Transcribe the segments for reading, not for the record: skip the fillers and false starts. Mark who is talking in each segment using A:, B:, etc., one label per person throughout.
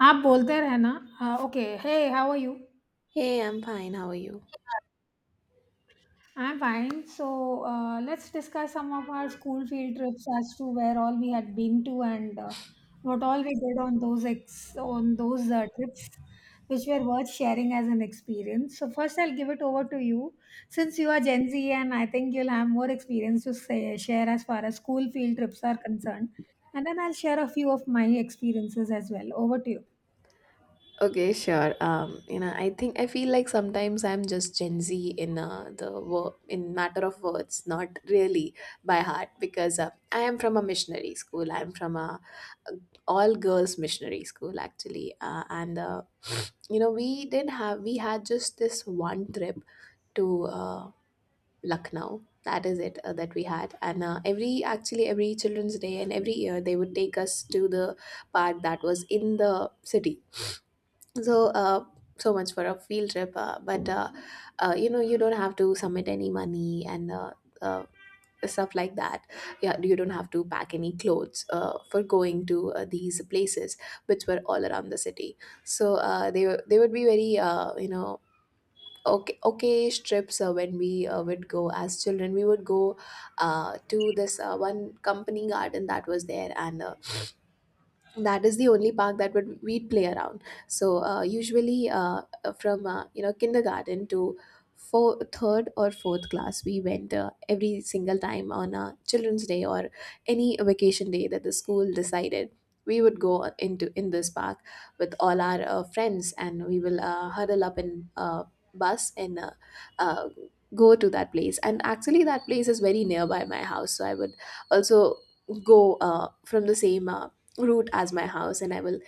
A: आप बोलते रहना। Okay, hey how are you?
B: Hey, I'm fine. How are you?
A: I am fine. So let's discuss some of our school field trips as to where all we had been to, and what all we did on those ex on those trips which were worth sharing as an experience. So first I'll give it over to you, since you are Gen Z, and I think you'll have more experience to say, share, as far as school field trips are concerned. And then I'll share a few of my experiences as well. Over to you.
B: Okay, sure. I think I feel like sometimes I'm just Gen Z in in matter of words, not really by heart, because I am from a missionary school. I'm from a all girls missionary school actually, we did have we had just this one trip to Lucknow. That is it that we had, and every actually every Children's Day and every year they would take us to the park that was in the city. So so much for a field trip, but you know, you don't have to submit any money, and uh stuff like that. Yeah, you don't have to pack any clothes for going to these places which were all around the city. So they would be very okay okay trips when we would go. As children, we would go to this one company garden that was there, and that is the only park that would we'd play around. So usually from kindergarten to four, third or fourth class, we went every single time on a children's day or any vacation day that the school decided. We would go into in this park with all our friends, and we will huddle up in bus and uh, go to that place. And actually that place is very nearby my house, so I would also go from the same route as my house, and I will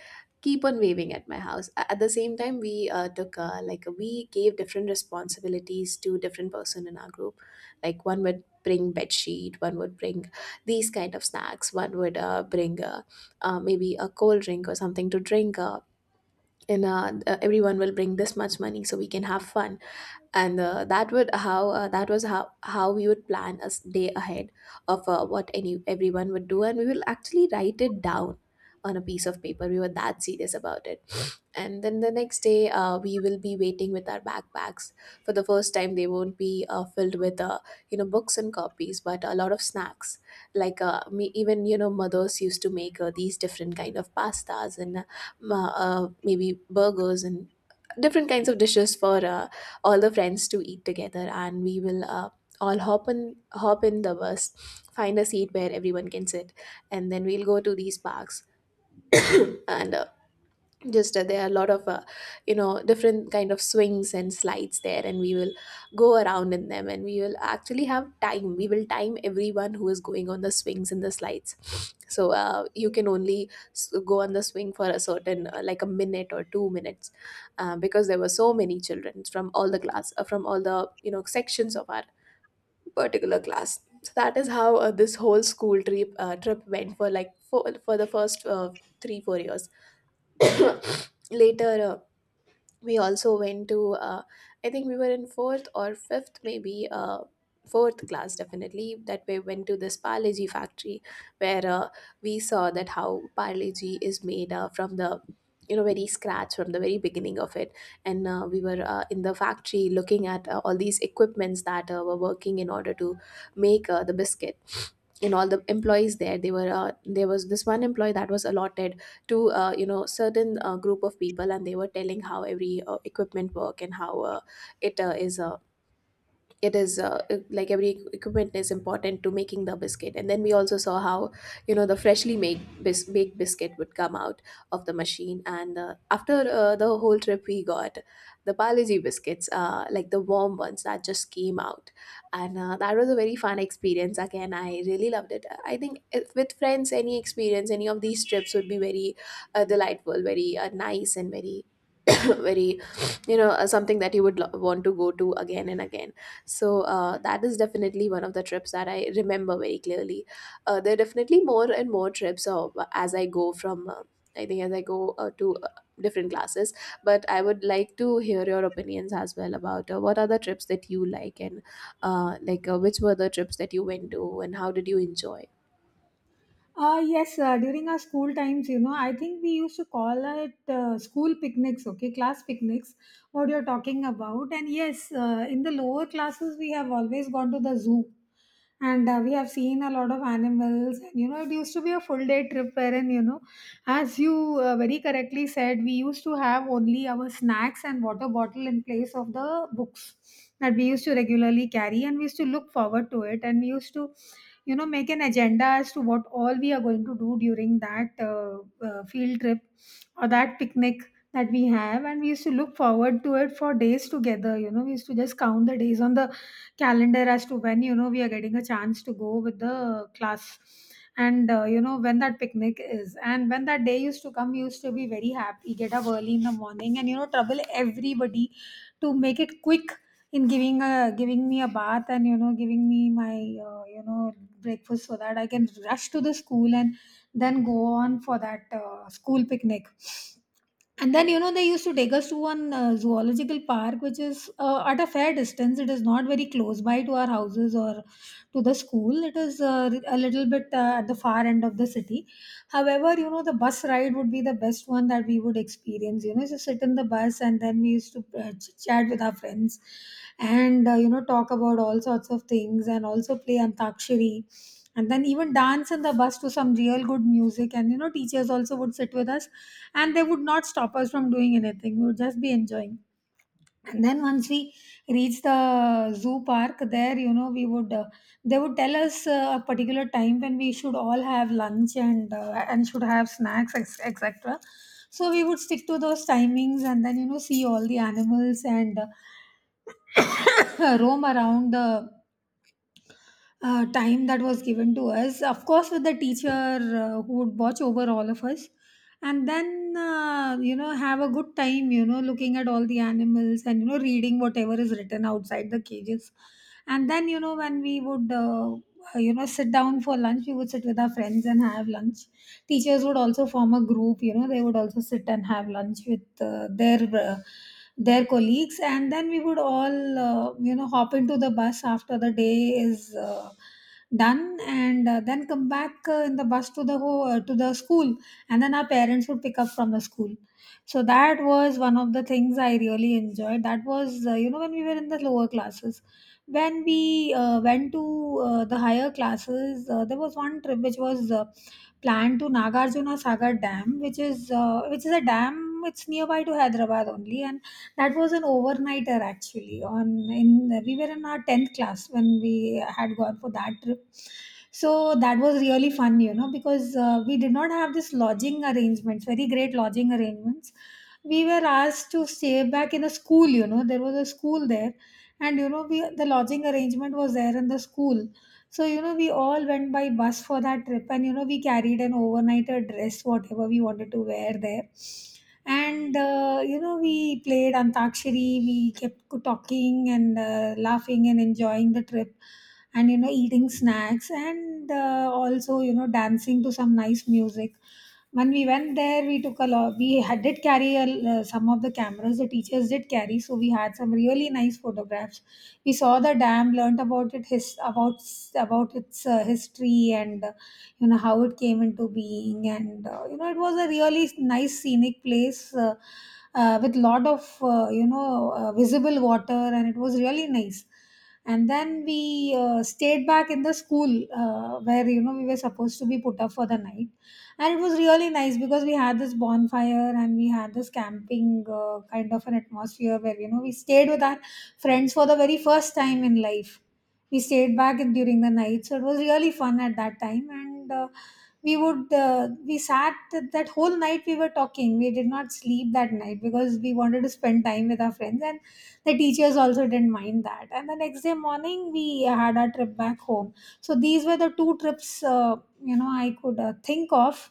B: keep on waving at my house. At the same time we took like we gave different responsibilities to different person in our group. Like one would bring bed sheet, one would bring these kind of snacks, one would bring maybe a cold drink or something to drink, and everyone will bring this much money so we can have fun. And that would how that was how we would plan a day ahead of what any everyone would do, and we will actually write it down on a piece of paper. We were that serious about it. And then the next day, we will be waiting with our backpacks. For the first time, they won't be filled with, books and copies, but a lot of snacks. Like me, even you know, mothers used to make these different kind of pastas, and maybe burgers and different kinds of dishes for all the friends to eat together. And we will all hop in the bus, find a seat where everyone can sit, and then we'll go to these parks and. Just There are a lot of different kind of swings and slides there, and we will go around in them. And we will actually have time, we will time everyone who is going on the swings and the slides, so you can only go on the swing for a certain like a minute or 2 minutes, because there were so many children from all the class, from all the sections of our particular class. So that is how this whole school trip went for like for the first 3 4 years. Later we also went to uh, I think we were in fourth or fifth, maybe fourth class definitely, that we went to this parleji factory, where we saw that how parleji is made from the you know very scratch, from the very beginning of it. And we were in the factory looking at all these equipments that were working in order to make the biscuit. In all the employees there, they were there was this one employee that was allotted to certain group of people, and they were telling how every equipment work and how it uh, is uh, it is like every equipment is important to making the biscuit. And then we also saw how the freshly made baked biscuit would come out of the machine. And after the whole trip, we got the Palaji biscuits, like the warm ones that just came out. And that was a very fun experience. Again, I really loved it. I think if with friends, any experience, any of these trips would be very delightful, very nice, and very very something that you would want to go to again and again. So that is definitely one of the trips that I remember very clearly. There are definitely more and more trips as I go from I think as I go to different classes. But I would like to hear your opinions as well about what are the trips that you like, and which were the trips that you went to and how did you enjoy.
A: Yes, during our school times, you know, I think we used to call it school picnics, okay, class picnics, what you're talking about. And yes, in the lower classes, we have always gone to the zoo, and we have seen a lot of animals. And, you know, it used to be a full day trip wherein, you know, as you very correctly said, we used to have only our snacks and water bottle in place of the books that we used to regularly carry, and we used to look forward to it, and we used to, you know, make an agenda as to what all we are going to do during that field trip or that picnic that we have. And we used to look forward to it for days together. You know, we used to just count the days on the calendar as to when, you know, we are getting a chance to go with the class. And you know, when that picnic is, and when that day used to come, we used to be very happy, get up early in the morning, and you know, trouble everybody to make it quick, in giving me a bath, and you know, giving me my you know, breakfast, so that I can rush to the school and then go on for that school picnic. And then, you know, they used to take us to one zoological park, which is at a fair distance. It is not very close by to our houses or to the school. It is a little bit at the far end of the city. However, you know, the bus ride would be the best one that we would experience. You know, just sit in the bus, and then we used to chit chat with our friends, and, you know, talk about all sorts of things, and also play Antakshari, and then even dance in the bus to some real good music. And you know, teachers also would sit with us, and they would not stop us from doing anything. We would just be enjoying. And then once we reach the zoo park, there, you know, we would, they would tell us a particular time when we should all have lunch, and should have snacks, etc. So we would stick to those timings, and then you know, see all the animals, and roam around the time that was given to us, of course, with the teacher who would watch over all of us, and then you know, have a good time, you know, looking at all the animals, and you know, reading whatever is written outside the cages. And then, you know, when we would you know, sit down for lunch, we would sit with our friends and have lunch. Teachers would also form a group. You know, they would also sit and have lunch with their colleagues. And then we would all you know, hop into the bus after the day is done, and then come back in the bus to the to the school. And then our parents would pick up from the school. So that was one of the things I really enjoyed. That was you know, when we were in the lower classes. When we went to the higher classes, there was one trip which was planned to Nagarjuna Sagar Dam, which is a dam. It's nearby to Hyderabad only, and that was an overnighter actually. On in we were in our 10th class when we had gone for that trip. So that was really fun, you know, because we did not have this lodging arrangements, very great lodging arrangements. We were asked to stay back in a school. You know, there was a school there, and you know, we the lodging arrangement was there in the school. So, you know, we all went by bus for that trip, and you know, we carried an overnighter dress, whatever we wanted to wear there. And you know, we played Antakshari, we kept talking, and laughing, and enjoying the trip, and you know, eating snacks, and also, you know, dancing to some nice music. When we went there, we took a lot. We had, did carry a, some of the cameras, the teachers did carry, so we had some really nice photographs. We saw the dam, learnt about it, his about its history, and you know, how it came into being. And you know, it was a really nice scenic place, with lot of you know, visible water, and it was really nice. And then we stayed back in the school, where you know, we were supposed to be put up for the night. And it was really nice because we had this bonfire, and we had this camping, kind of an atmosphere, where you know, we stayed with our friends for the very first time in life. We stayed back in, during the night, so it was really fun at that time. And we sat that whole night. We were talking. We did not sleep that night because we wanted to spend time with our friends, and the teachers also didn't mind that. And the next day morning, we had our trip back home. So these were the two trips, you know, I could think of.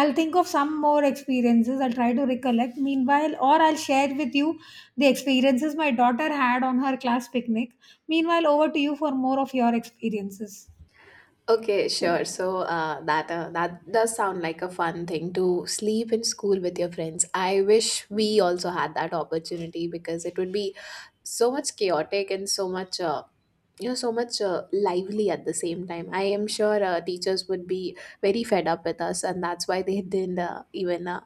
A: I'll think of some more experiences, I'll try to recollect meanwhile, or I'll share with you the experiences my daughter had on her class picnic meanwhile. Over to you for more of your experiences.
B: Okay, sure. So that does sound like a fun thing to sleep in school with your friends. I wish we also had that opportunity, because it would be so much chaotic and so much so much lively at the same time. I am sure teachers would be very fed up with us, and that's why they didn't even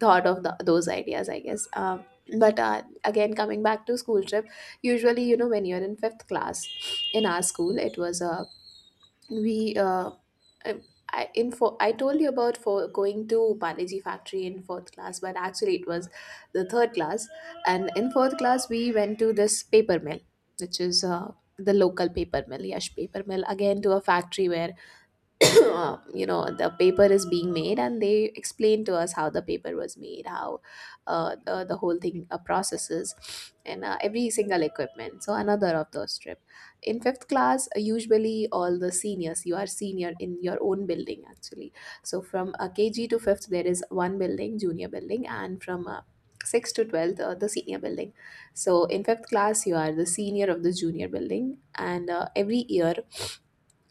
B: thought of those ideas, I guess. But again, coming back to school trip, usually you know when you're in fifth class, in our school, it was a we I, I- in for I told you about for going to Panaji factory in fourth class, but actually it was the third class. And in fourth class, we went to this paper mill, which is the local paper mill, Yash paper mill, again to a factory where the paper is being made, and they explain to us how the paper was made, how the whole thing processes, and every single equipment. So another of those trip: in fifth class, usually all the seniors, you are senior in your own building actually. So from kg to fifth, there is one building, junior building, and from 6th to 12th the senior building. So in fifth class, you are the senior of the junior building, and every year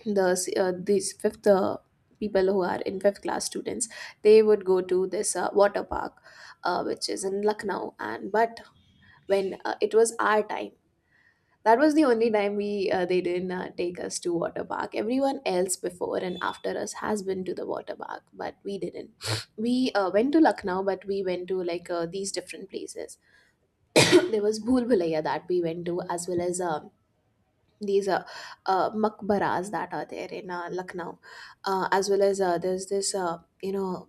B: these fifth people who are in fifth class students, they would go to this water park which is in Lucknow. And but when it was our time, that was the only time we they didn't take us to water park. Everyone else before and after us has been to the water park, but we didn't. We went to Lucknow, but we went to like these different places. There was bhul bhulaiya that we went to, as well as these makbaras that are there in Lucknow, as well as there's this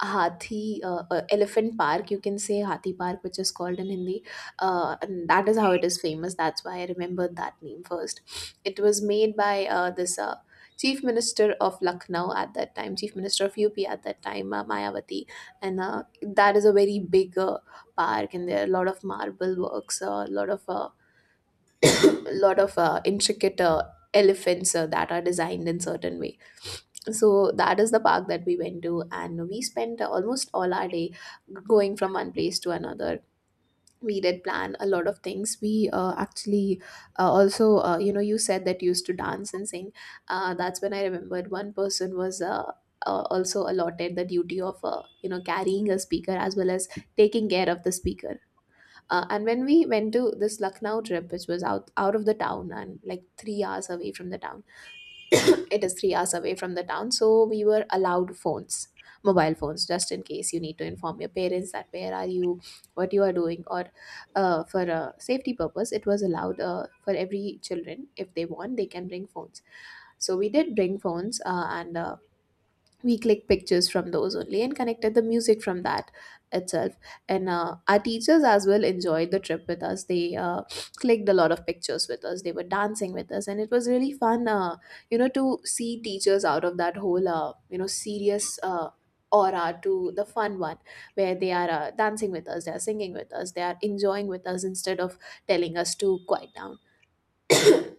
B: Hathi Elephant Park. You can say Hathi Park, which is called in Hindi, and that is how it is famous. That's why I remembered that name first. It was made by this. Chief Minister of Lucknow at that time, Chief Minister of UP at that time, Mayawati, and that is a very big park, and there are a lot of marble works, lot of uh, a lot of intricate elephants that are designed in certain way. So that is the park that we went to, and we spent almost all our day going from one place to another. We did plan a lot of things. We actually also you know, you said that you used to dance and sing, that's when I remembered one person was also allotted the duty of carrying a speaker as well as taking care of the speaker. And when we went to this Lucknow trip, which was out of the town and like 3 hours away from the town, it is 3 hours away from the town. So we were allowed phones, mobile phones, just in case you need to inform your parents that where are you, what you are doing, or for a safety purpose. It was allowed for every children, if they want they can bring phones. So we did bring phones, and we clicked pictures from those only and connected the music from that itself. And our teachers as well enjoyed the trip with us. They clicked a lot of pictures with us, they were dancing with us, and it was really fun, to see teachers out of that whole serious aura to the fun one, where they are dancing with us, they are singing with us, they are enjoying with us instead of telling us to quiet down.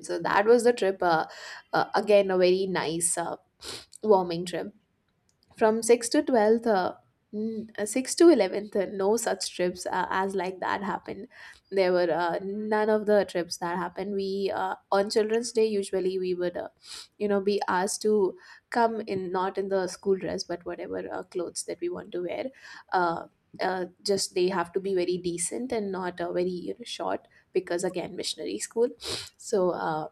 B: So that was the trip, again a very nice, warming trip. From 6 to 12th, 6 to 11th, no such trips as like that happened. There were none of the trips that happened. We on children's day, usually we would, be asked to come in, not in the school dress, but whatever clothes that we want to wear. uh, just they have to be very decent and not very, you know, short, because again, missionary school. So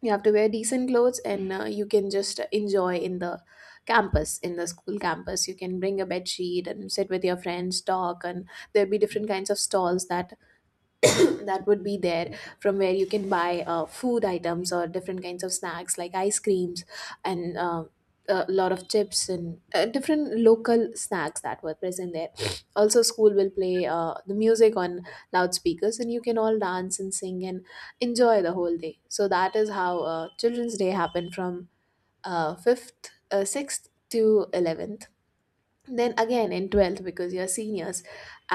B: you have to wear decent clothes, and you can just enjoy in the campus, in the school campus. You can bring a bed sheet and sit with your friends, talk, and there'll be different kinds of stalls that that would be there, from where you can buy food items or different kinds of snacks like ice creams, and a lot of chips, and different local snacks that were present there. Also, school will play the music on loudspeakers, and you can all dance and sing and enjoy the whole day. So that is how Children's Day happened from fifth, sixth to 11th. Then again in 12th, because you're seniors,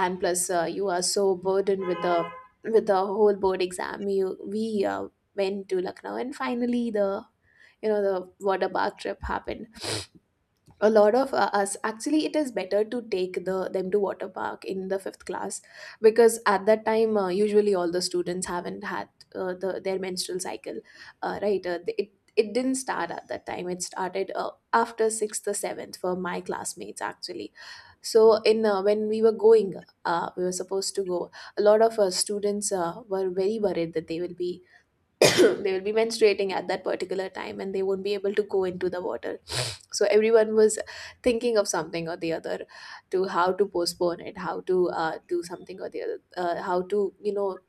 B: and plus you are so burdened with the whole board exam. You we uh, went to Lucknow, and finally the, you know, the water park trip happened. A lot of us, actually it is better to take the them to water park in the fifth class, because at that time, usually all the students haven't had their menstrual cycle, right. It, it didn't start at that time. It started after sixth or seventh for my classmates, actually. So in, when we were going, we were supposed to go. A lot of students were very worried that they will be they will be menstruating at that particular time and they won't be able to go into the water. So everyone was thinking of something or the other, to how to postpone it, how to do something or the other, how to, you know,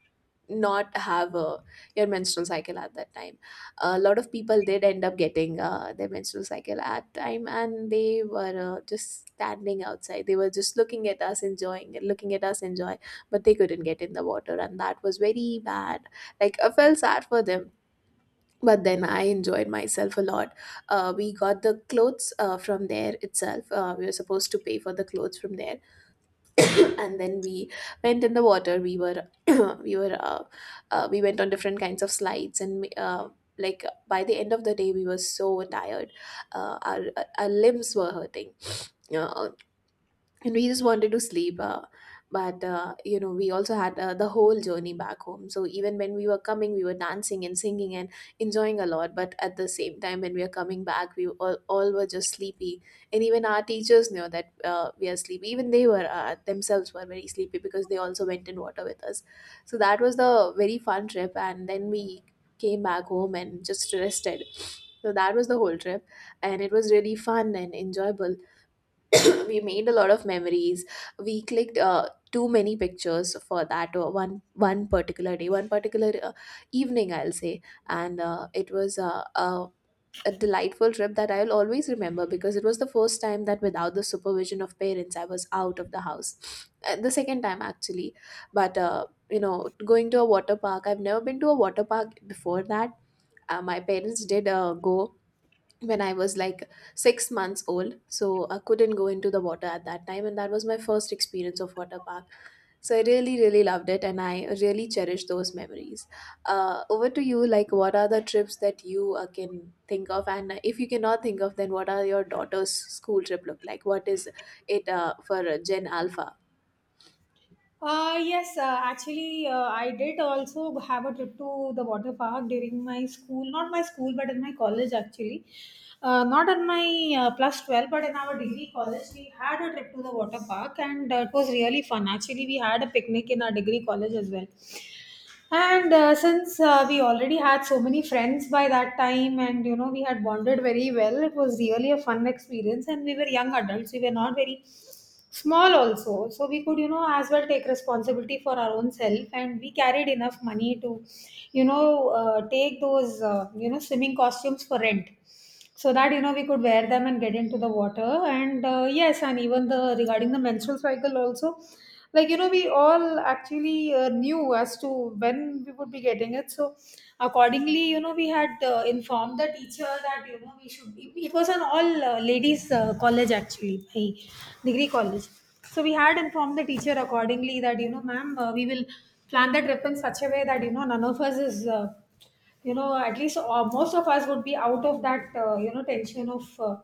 B: not have a, your menstrual cycle at that time. A lot of people did end up getting their menstrual cycle at time, and they were just standing outside. They were just looking at us enjoying it, looking at us enjoy, but they couldn't get in the water, and that was very bad. Like, I felt sad for them, but then I enjoyed myself a lot. We got the clothes from there itself. We were supposed to pay for the clothes from there, and then we went in the water. We were we were we went on different kinds of slides, and like by the end of the day we were so tired. Our limbs were hurting. uh, and we just wanted to sleep, but you know, we also had the whole journey back home. So even when we were coming, we were dancing and singing and enjoying a lot. But at the same time, when we were coming back, we all were just sleepy. And even our teachers knew that we are sleepy. Even they were themselves were very sleepy, because they also went in water with us. So that was the very fun trip. And then we came back home and just rested. So that was the whole trip, and it was really fun and enjoyable. We made a lot of memories. We clicked too many pictures for that one particular day, one particular evening, I'll say. And it was a delightful trip that I'll always remember, because it was the first time that without the supervision of parents I was out of the house. The second time, actually, but going to a water park. I've never been to a water park before that. My parents did go when I was like six months old. So I couldn't go into the water at that time. And that was my first experience of water park. So I really, really loved it, and I really cherish those memories. Over to you. Like, what are the trips that you can think of? And if you cannot think of, then what are your daughter's school trip look like? What is it for Gen Alpha?
A: Yes, actually, I did also have a trip to the water park during my school, not my school, but in my college actually. Not in my plus 12, but in our degree college, we had a trip to the water park, and it was really fun. Actually, we had a picnic in our degree college as well. And since we already had so many friends by that time, and you know, we had bonded very well, it was really a fun experience. And we were young adults, we were not very small also, so we could, you know, as well take responsibility for our own self, and we carried enough money to, you know, take those you know, swimming costumes for rent, so that you know, we could wear them and get into the water. And yes, and even the regarding the menstrual cycle also, like you know, we all actually knew as to when we would be getting it. So accordingly, you know, we had informed the teacher that you know, we should it it was an all ladies college actually, my degree college. So we had informed the teacher accordingly that you know, ma'am, we will plan the trip in such a way that you know, none of us is you know, at least most of us would be out of that you know, tension of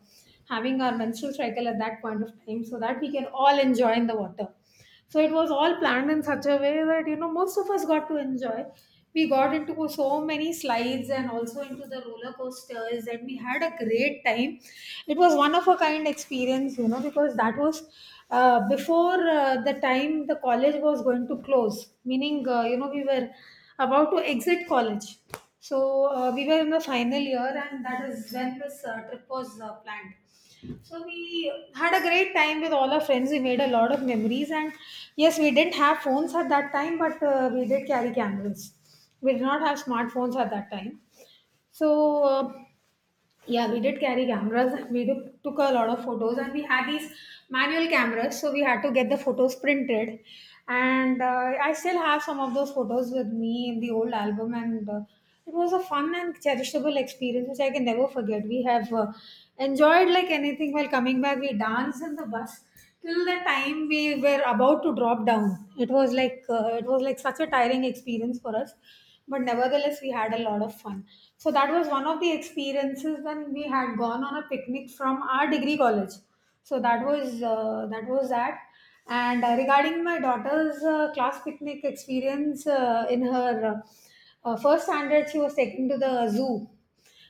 A: having our menstrual cycle at that point of time, so that we can all enjoy in the water. So it was all planned in such a way that you know, most of us got to enjoy. We got into so many slides, and also into the roller coasters, and we had a great time. It was one of a kind experience, you know, because that was before the time the college was going to close, meaning, you know, we were about to exit college. So we were in the final year, and that is when this trip was planned. So we had a great time with all our friends. We made a lot of memories, and yes, we didn't have phones at that time, but we did carry cameras. We did not have smartphones at that time. So yeah, we did carry cameras. Took a lot of photos, and we had these manual cameras, so we had to get the photos printed. And I still have some of those photos with me in the old album, and it was a fun and cherishable experience which I can never forget. We have enjoyed like anything while coming back. We danced in the bus till the time we were about to drop down. It was like such a tiring experience for us, but nevertheless we had a lot of fun. So that was one of the experiences when we had gone on a picnic from our degree college. So that was that. And regarding my daughter's class picnic experience, in her first standard, she was taken to the zoo.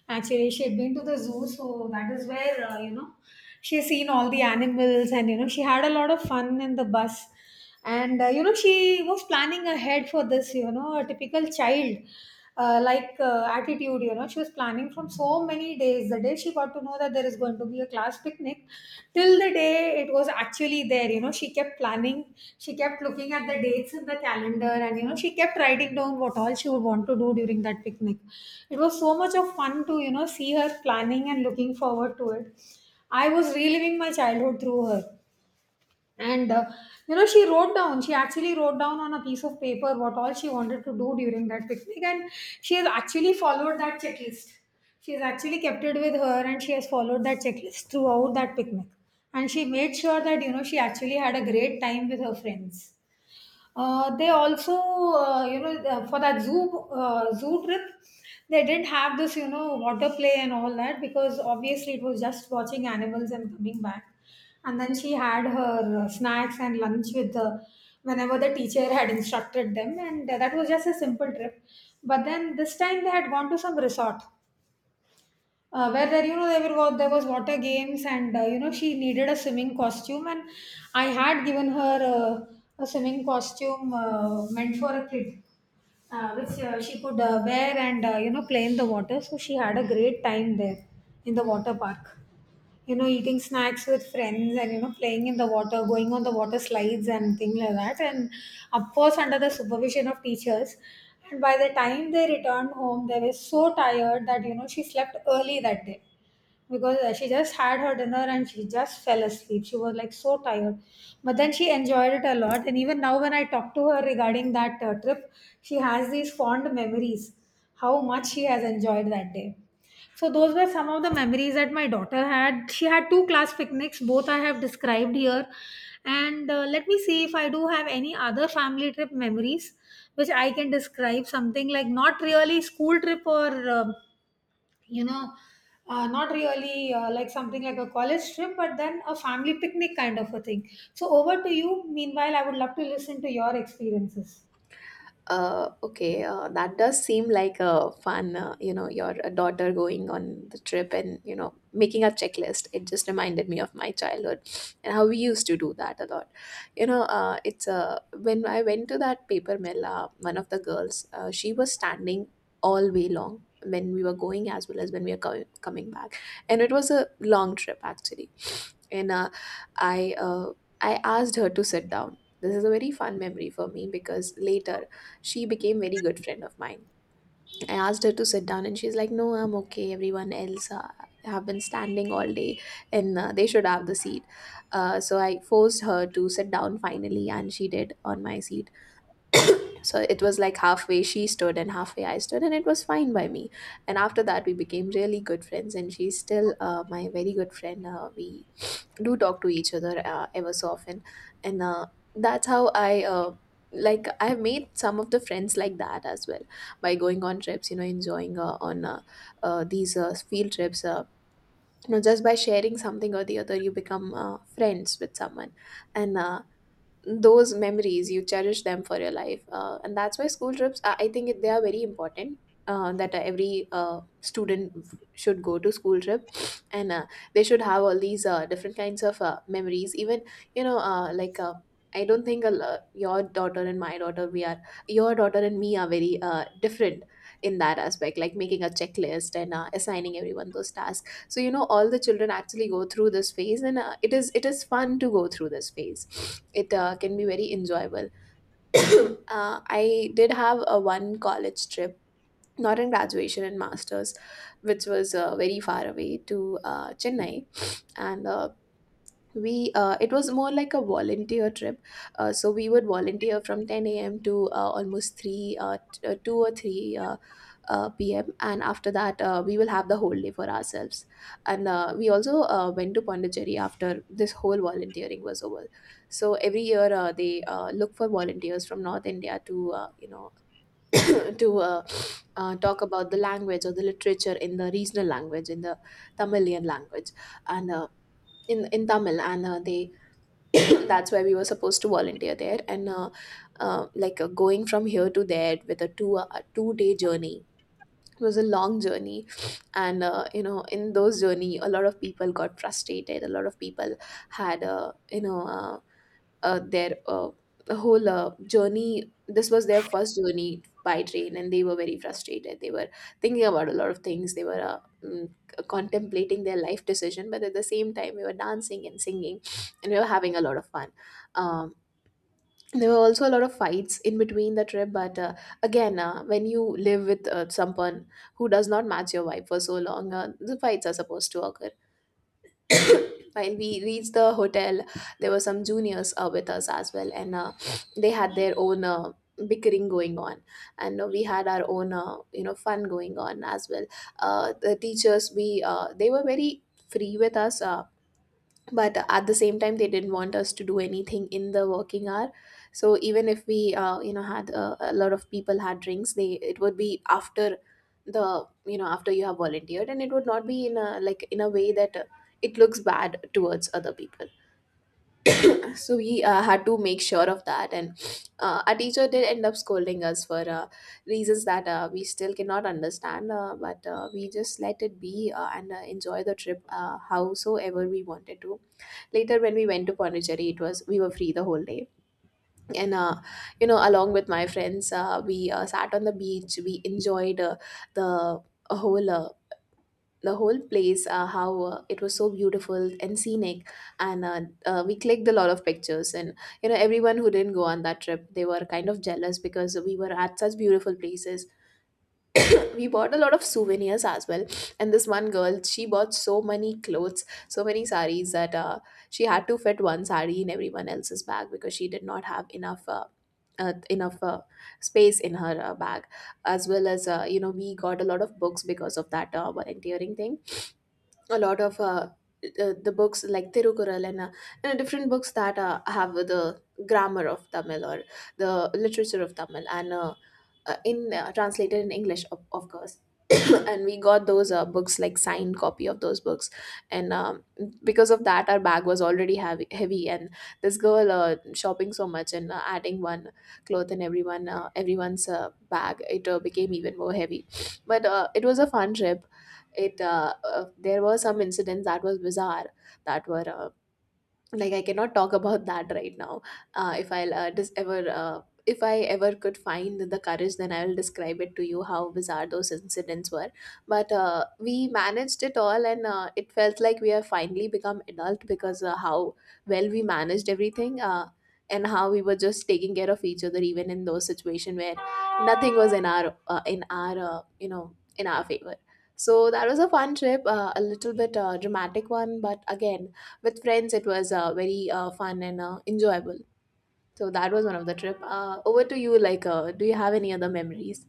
A: Actually, she had been to the zoo, so that is where, she has seen all the animals, and, she had a lot of fun in the bus. And, she was planning ahead for this, a typical child. Like attitude, she was planning from so many days. The day she got to know that there is was going to be a class picnic. Till the day it was actually there, she kept planning, she kept looking at the dates in the calendar, and she kept writing down what all she would want to do during that picnic. It was so much of fun to, see her planning and looking forward to it. I was reliving my childhood through her. And she actually wrote down on a piece of paper what all she wanted to do during that picnic. And she has actually followed that checklist. She has actually kept it with her, and she has followed that checklist throughout that picnic. And she made sure that, she actually had a great time with her friends. They also, for that zoo trip, they didn't have this, water play and all that, because obviously it was just watching animals and coming back. And then she had her snacks and lunch with the whenever the teacher had instructed them, and that was just a simple trip. But then this time they had gone to some resort where, there there was water games, and she needed a swimming costume, and I had given her uh, a swimming costume meant for a kid, which she could wear, and play in the water. So she had a great time there in the water park, eating snacks with friends, and playing in the water, going on the water slides and things like that, and of course under the supervision of teachers. And by the time they returned home, they were so tired that, she slept early that day, because she just had her dinner and she just fell asleep. She was like so tired, but then she enjoyed it a lot. And even now when I talk to her regarding that trip, she has these fond memories, how much she has enjoyed that day. So those were some of the memories that my daughter had. She had two class picnics, both I have described here. And let me see if I do have any other family trip memories which I can describe. Something like not really school trip or um you know, not really like something like a college trip, but then a family picnic kind of a thing. So over to you. Meanwhile, I would love to listen to your experiences.
B: Okay, that does seem like a fun, your daughter going on the trip, and, you know, making a checklist. It just reminded me of my childhood and how we used to do that a lot. You know, it's when I went to that paper mill, one of the girls, she was standing all way long when we were going, as well as when we were coming back. And it was a long trip, actually. And I, uh, I asked her to sit down. This is a very fun memory for me, because later she became very good friend of mine. I asked her to sit down, and she's like, no, I'm okay, everyone else have been standing all day, and they should have the seat. So I forced her to sit down finally, and she did, on my seat. So it was like halfway she stood and halfway I stood, and it was fine by me. And after that we became really good friends, and she's still my very good friend. We do talk to each other ever so often. And that's how I, like, I have made some of the friends like that as well, by going on trips, you know, enjoying on these field trips. You know, just by sharing something or the other, you become friends with someone. And those memories you cherish them for your life. And that's why school trips, I think they are very important, that every student should go to school trip. And they should have all these different kinds of memories. Even, you know, I don't think your daughter and my daughter, we are, your daughter and me are very different in that aspect, like making a checklist and assigning everyone those tasks. So, you know, all the children actually go through this phase, and it is fun to go through this phase. It can be very enjoyable. I did have a one college trip, not in graduation and masters, which was very far away, to Chennai. And we it was more like a volunteer trip. So we would volunteer from 10 a.m. to almost 3, 2 or 3, pm, and after that we will have the whole day for ourselves. And we also went to Pondicherry after this whole volunteering was over. So every year they look for volunteers from North India to, you know, to talk about the language or the literature in the regional language, in the Tamilian language. And in Tamil. And they that's why we were supposed to volunteer there. And going from here to there with a 2 day journey was a long journey. And you know, in those journey, a lot of people got frustrated. A lot of people had, you know their whole journey. This was their first journey by train, and they were very frustrated. They were thinking about a lot of things. They were contemplating their life decision, but at the same time, we were dancing and singing, and we were having a lot of fun. Um, there were also a lot of fights in between the trip, but again, when you live with someone who does not match your vibe for so long, the fights are supposed to occur. When we reached the hotel, there were some juniors with us as well, and they had their own bickering going on, and we had our own fun going on as well. The teachers, we they were very free with us. But at the same time they didn't want us to do anything in the working hour, so even if we had a lot of people had drinks, they it would be after the you know after you have volunteered, and it would not be in a way that it looks bad towards other people. So we had to make sure of that, and our teacher did end up scolding us for reasons that we still cannot understand, but we just let it be, and enjoy the trip howsoever we wanted to. Later, when we went to Pondicherry, it was we were free the whole day. And along with my friends, we sat on the beach. We enjoyed the whole uh, the whole place, how it was so beautiful and scenic. And we clicked a lot of pictures, and everyone who didn't go on that trip, they were kind of jealous because we were at such beautiful places. We bought a lot of souvenirs as well. And this one girl, she bought so many clothes, so many saris, that she had to fit one sari in everyone else's bag because she did not have enough space in her bag. As well as, we got a lot of books because of that volunteering thing. A lot of the books like Tirukural, and different books that have the grammar of Tamil or the literature of Tamil, and in translated in English, of course. And we got those books, like signed copy of those books. And because of that, our bag was already heavy, heavy, and this girl shopping so much, and adding one cloth in everyone's bag, it became even more heavy. But it was a fun trip. It There were some incidents that was bizarre, that were like, I cannot talk about that right now. If I'll dis- ever if I ever could find the courage, then I will describe it to you how bizarre those incidents were. But we managed it all, and it felt like we have finally become adult because how well we managed everything. And how we were just taking care of each other even in those situations where nothing was in our you know in our favor. So that was a fun trip, a little bit dramatic one, but again, with friends, it was very fun and enjoyable. So that was one of the trip. Over to you. Do you have any other memories?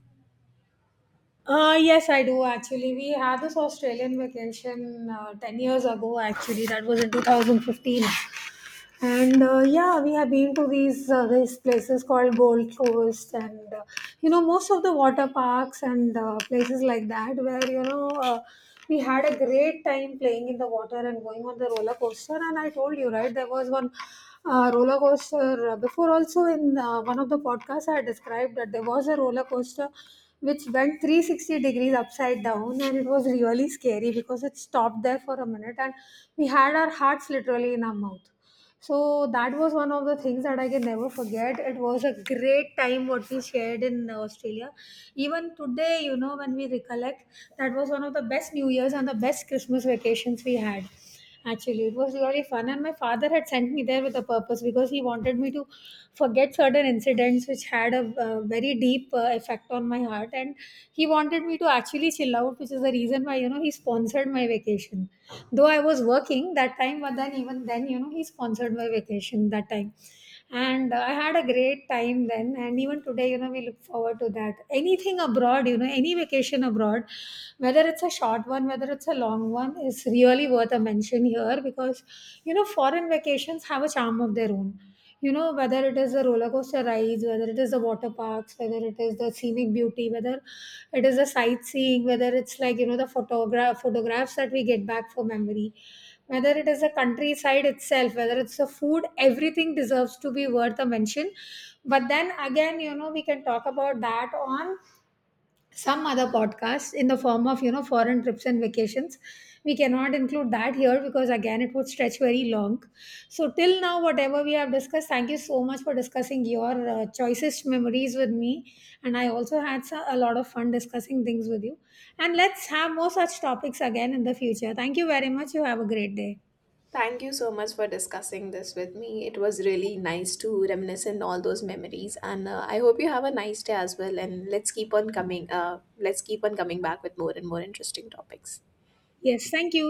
A: Yes, I do actually. We had this Australian vacation 10 years ago, actually. That was in 2015. And yeah, we have been to these places called Gold Coast, and most of the water parks and places like that, where, we had a great time playing in the water and going on the roller coaster. And I told you right, there was one roller coaster before. Also in one of the podcasts, I described that there was a roller coaster which went 360 degrees upside down, and it was really scary because it stopped there for a minute, and we had our hearts literally in our mouth. So that was one of the things that I can never forget. It was a great time what we shared in Australia. Even today, you know, when we recollect, that was one of the best New Year's and the best Christmas vacations we had. Actually, it was really fun, and my father had sent me there with a purpose, because he wanted me to forget certain incidents which had a, very deep effect on my heart, and he wanted me to actually chill out, which is the reason why, you know, he sponsored my vacation. Though I was working that time, but then even then, you know, he sponsored my vacation that time. And I had a great time then. And even today, you know, we look forward to that. Anything abroad, you know, any vacation abroad, whether it's a short one, whether it's a long one, is really worth a mention here, because, you know, foreign vacations have a charm of their own. You know, whether it is the roller coaster rides, whether it is the water parks, whether it is the scenic beauty, whether it is the sightseeing, whether it's like, you know, the photographs that we get back for memory, whether it is the countryside itself, whether it's the food, everything deserves to be worth a mention. But then again, you know, we can talk about that on some other podcasts in the form of, you know, foreign trips and vacations. We cannot include that here, because again it would stretch very long. So till now, whatever we have discussed, thank you so much for discussing your choicest memories with me, and I also had a lot of fun discussing things with you. And let's have more such topics again in the future. Thank you very much, you have a great day.
B: Thank you so much for discussing this with me. It was really nice to reminisce in all those memories, and I hope you have a nice day as well. And let's keep on coming. Let's keep on coming back with more and more interesting topics.
A: Yes, thank you.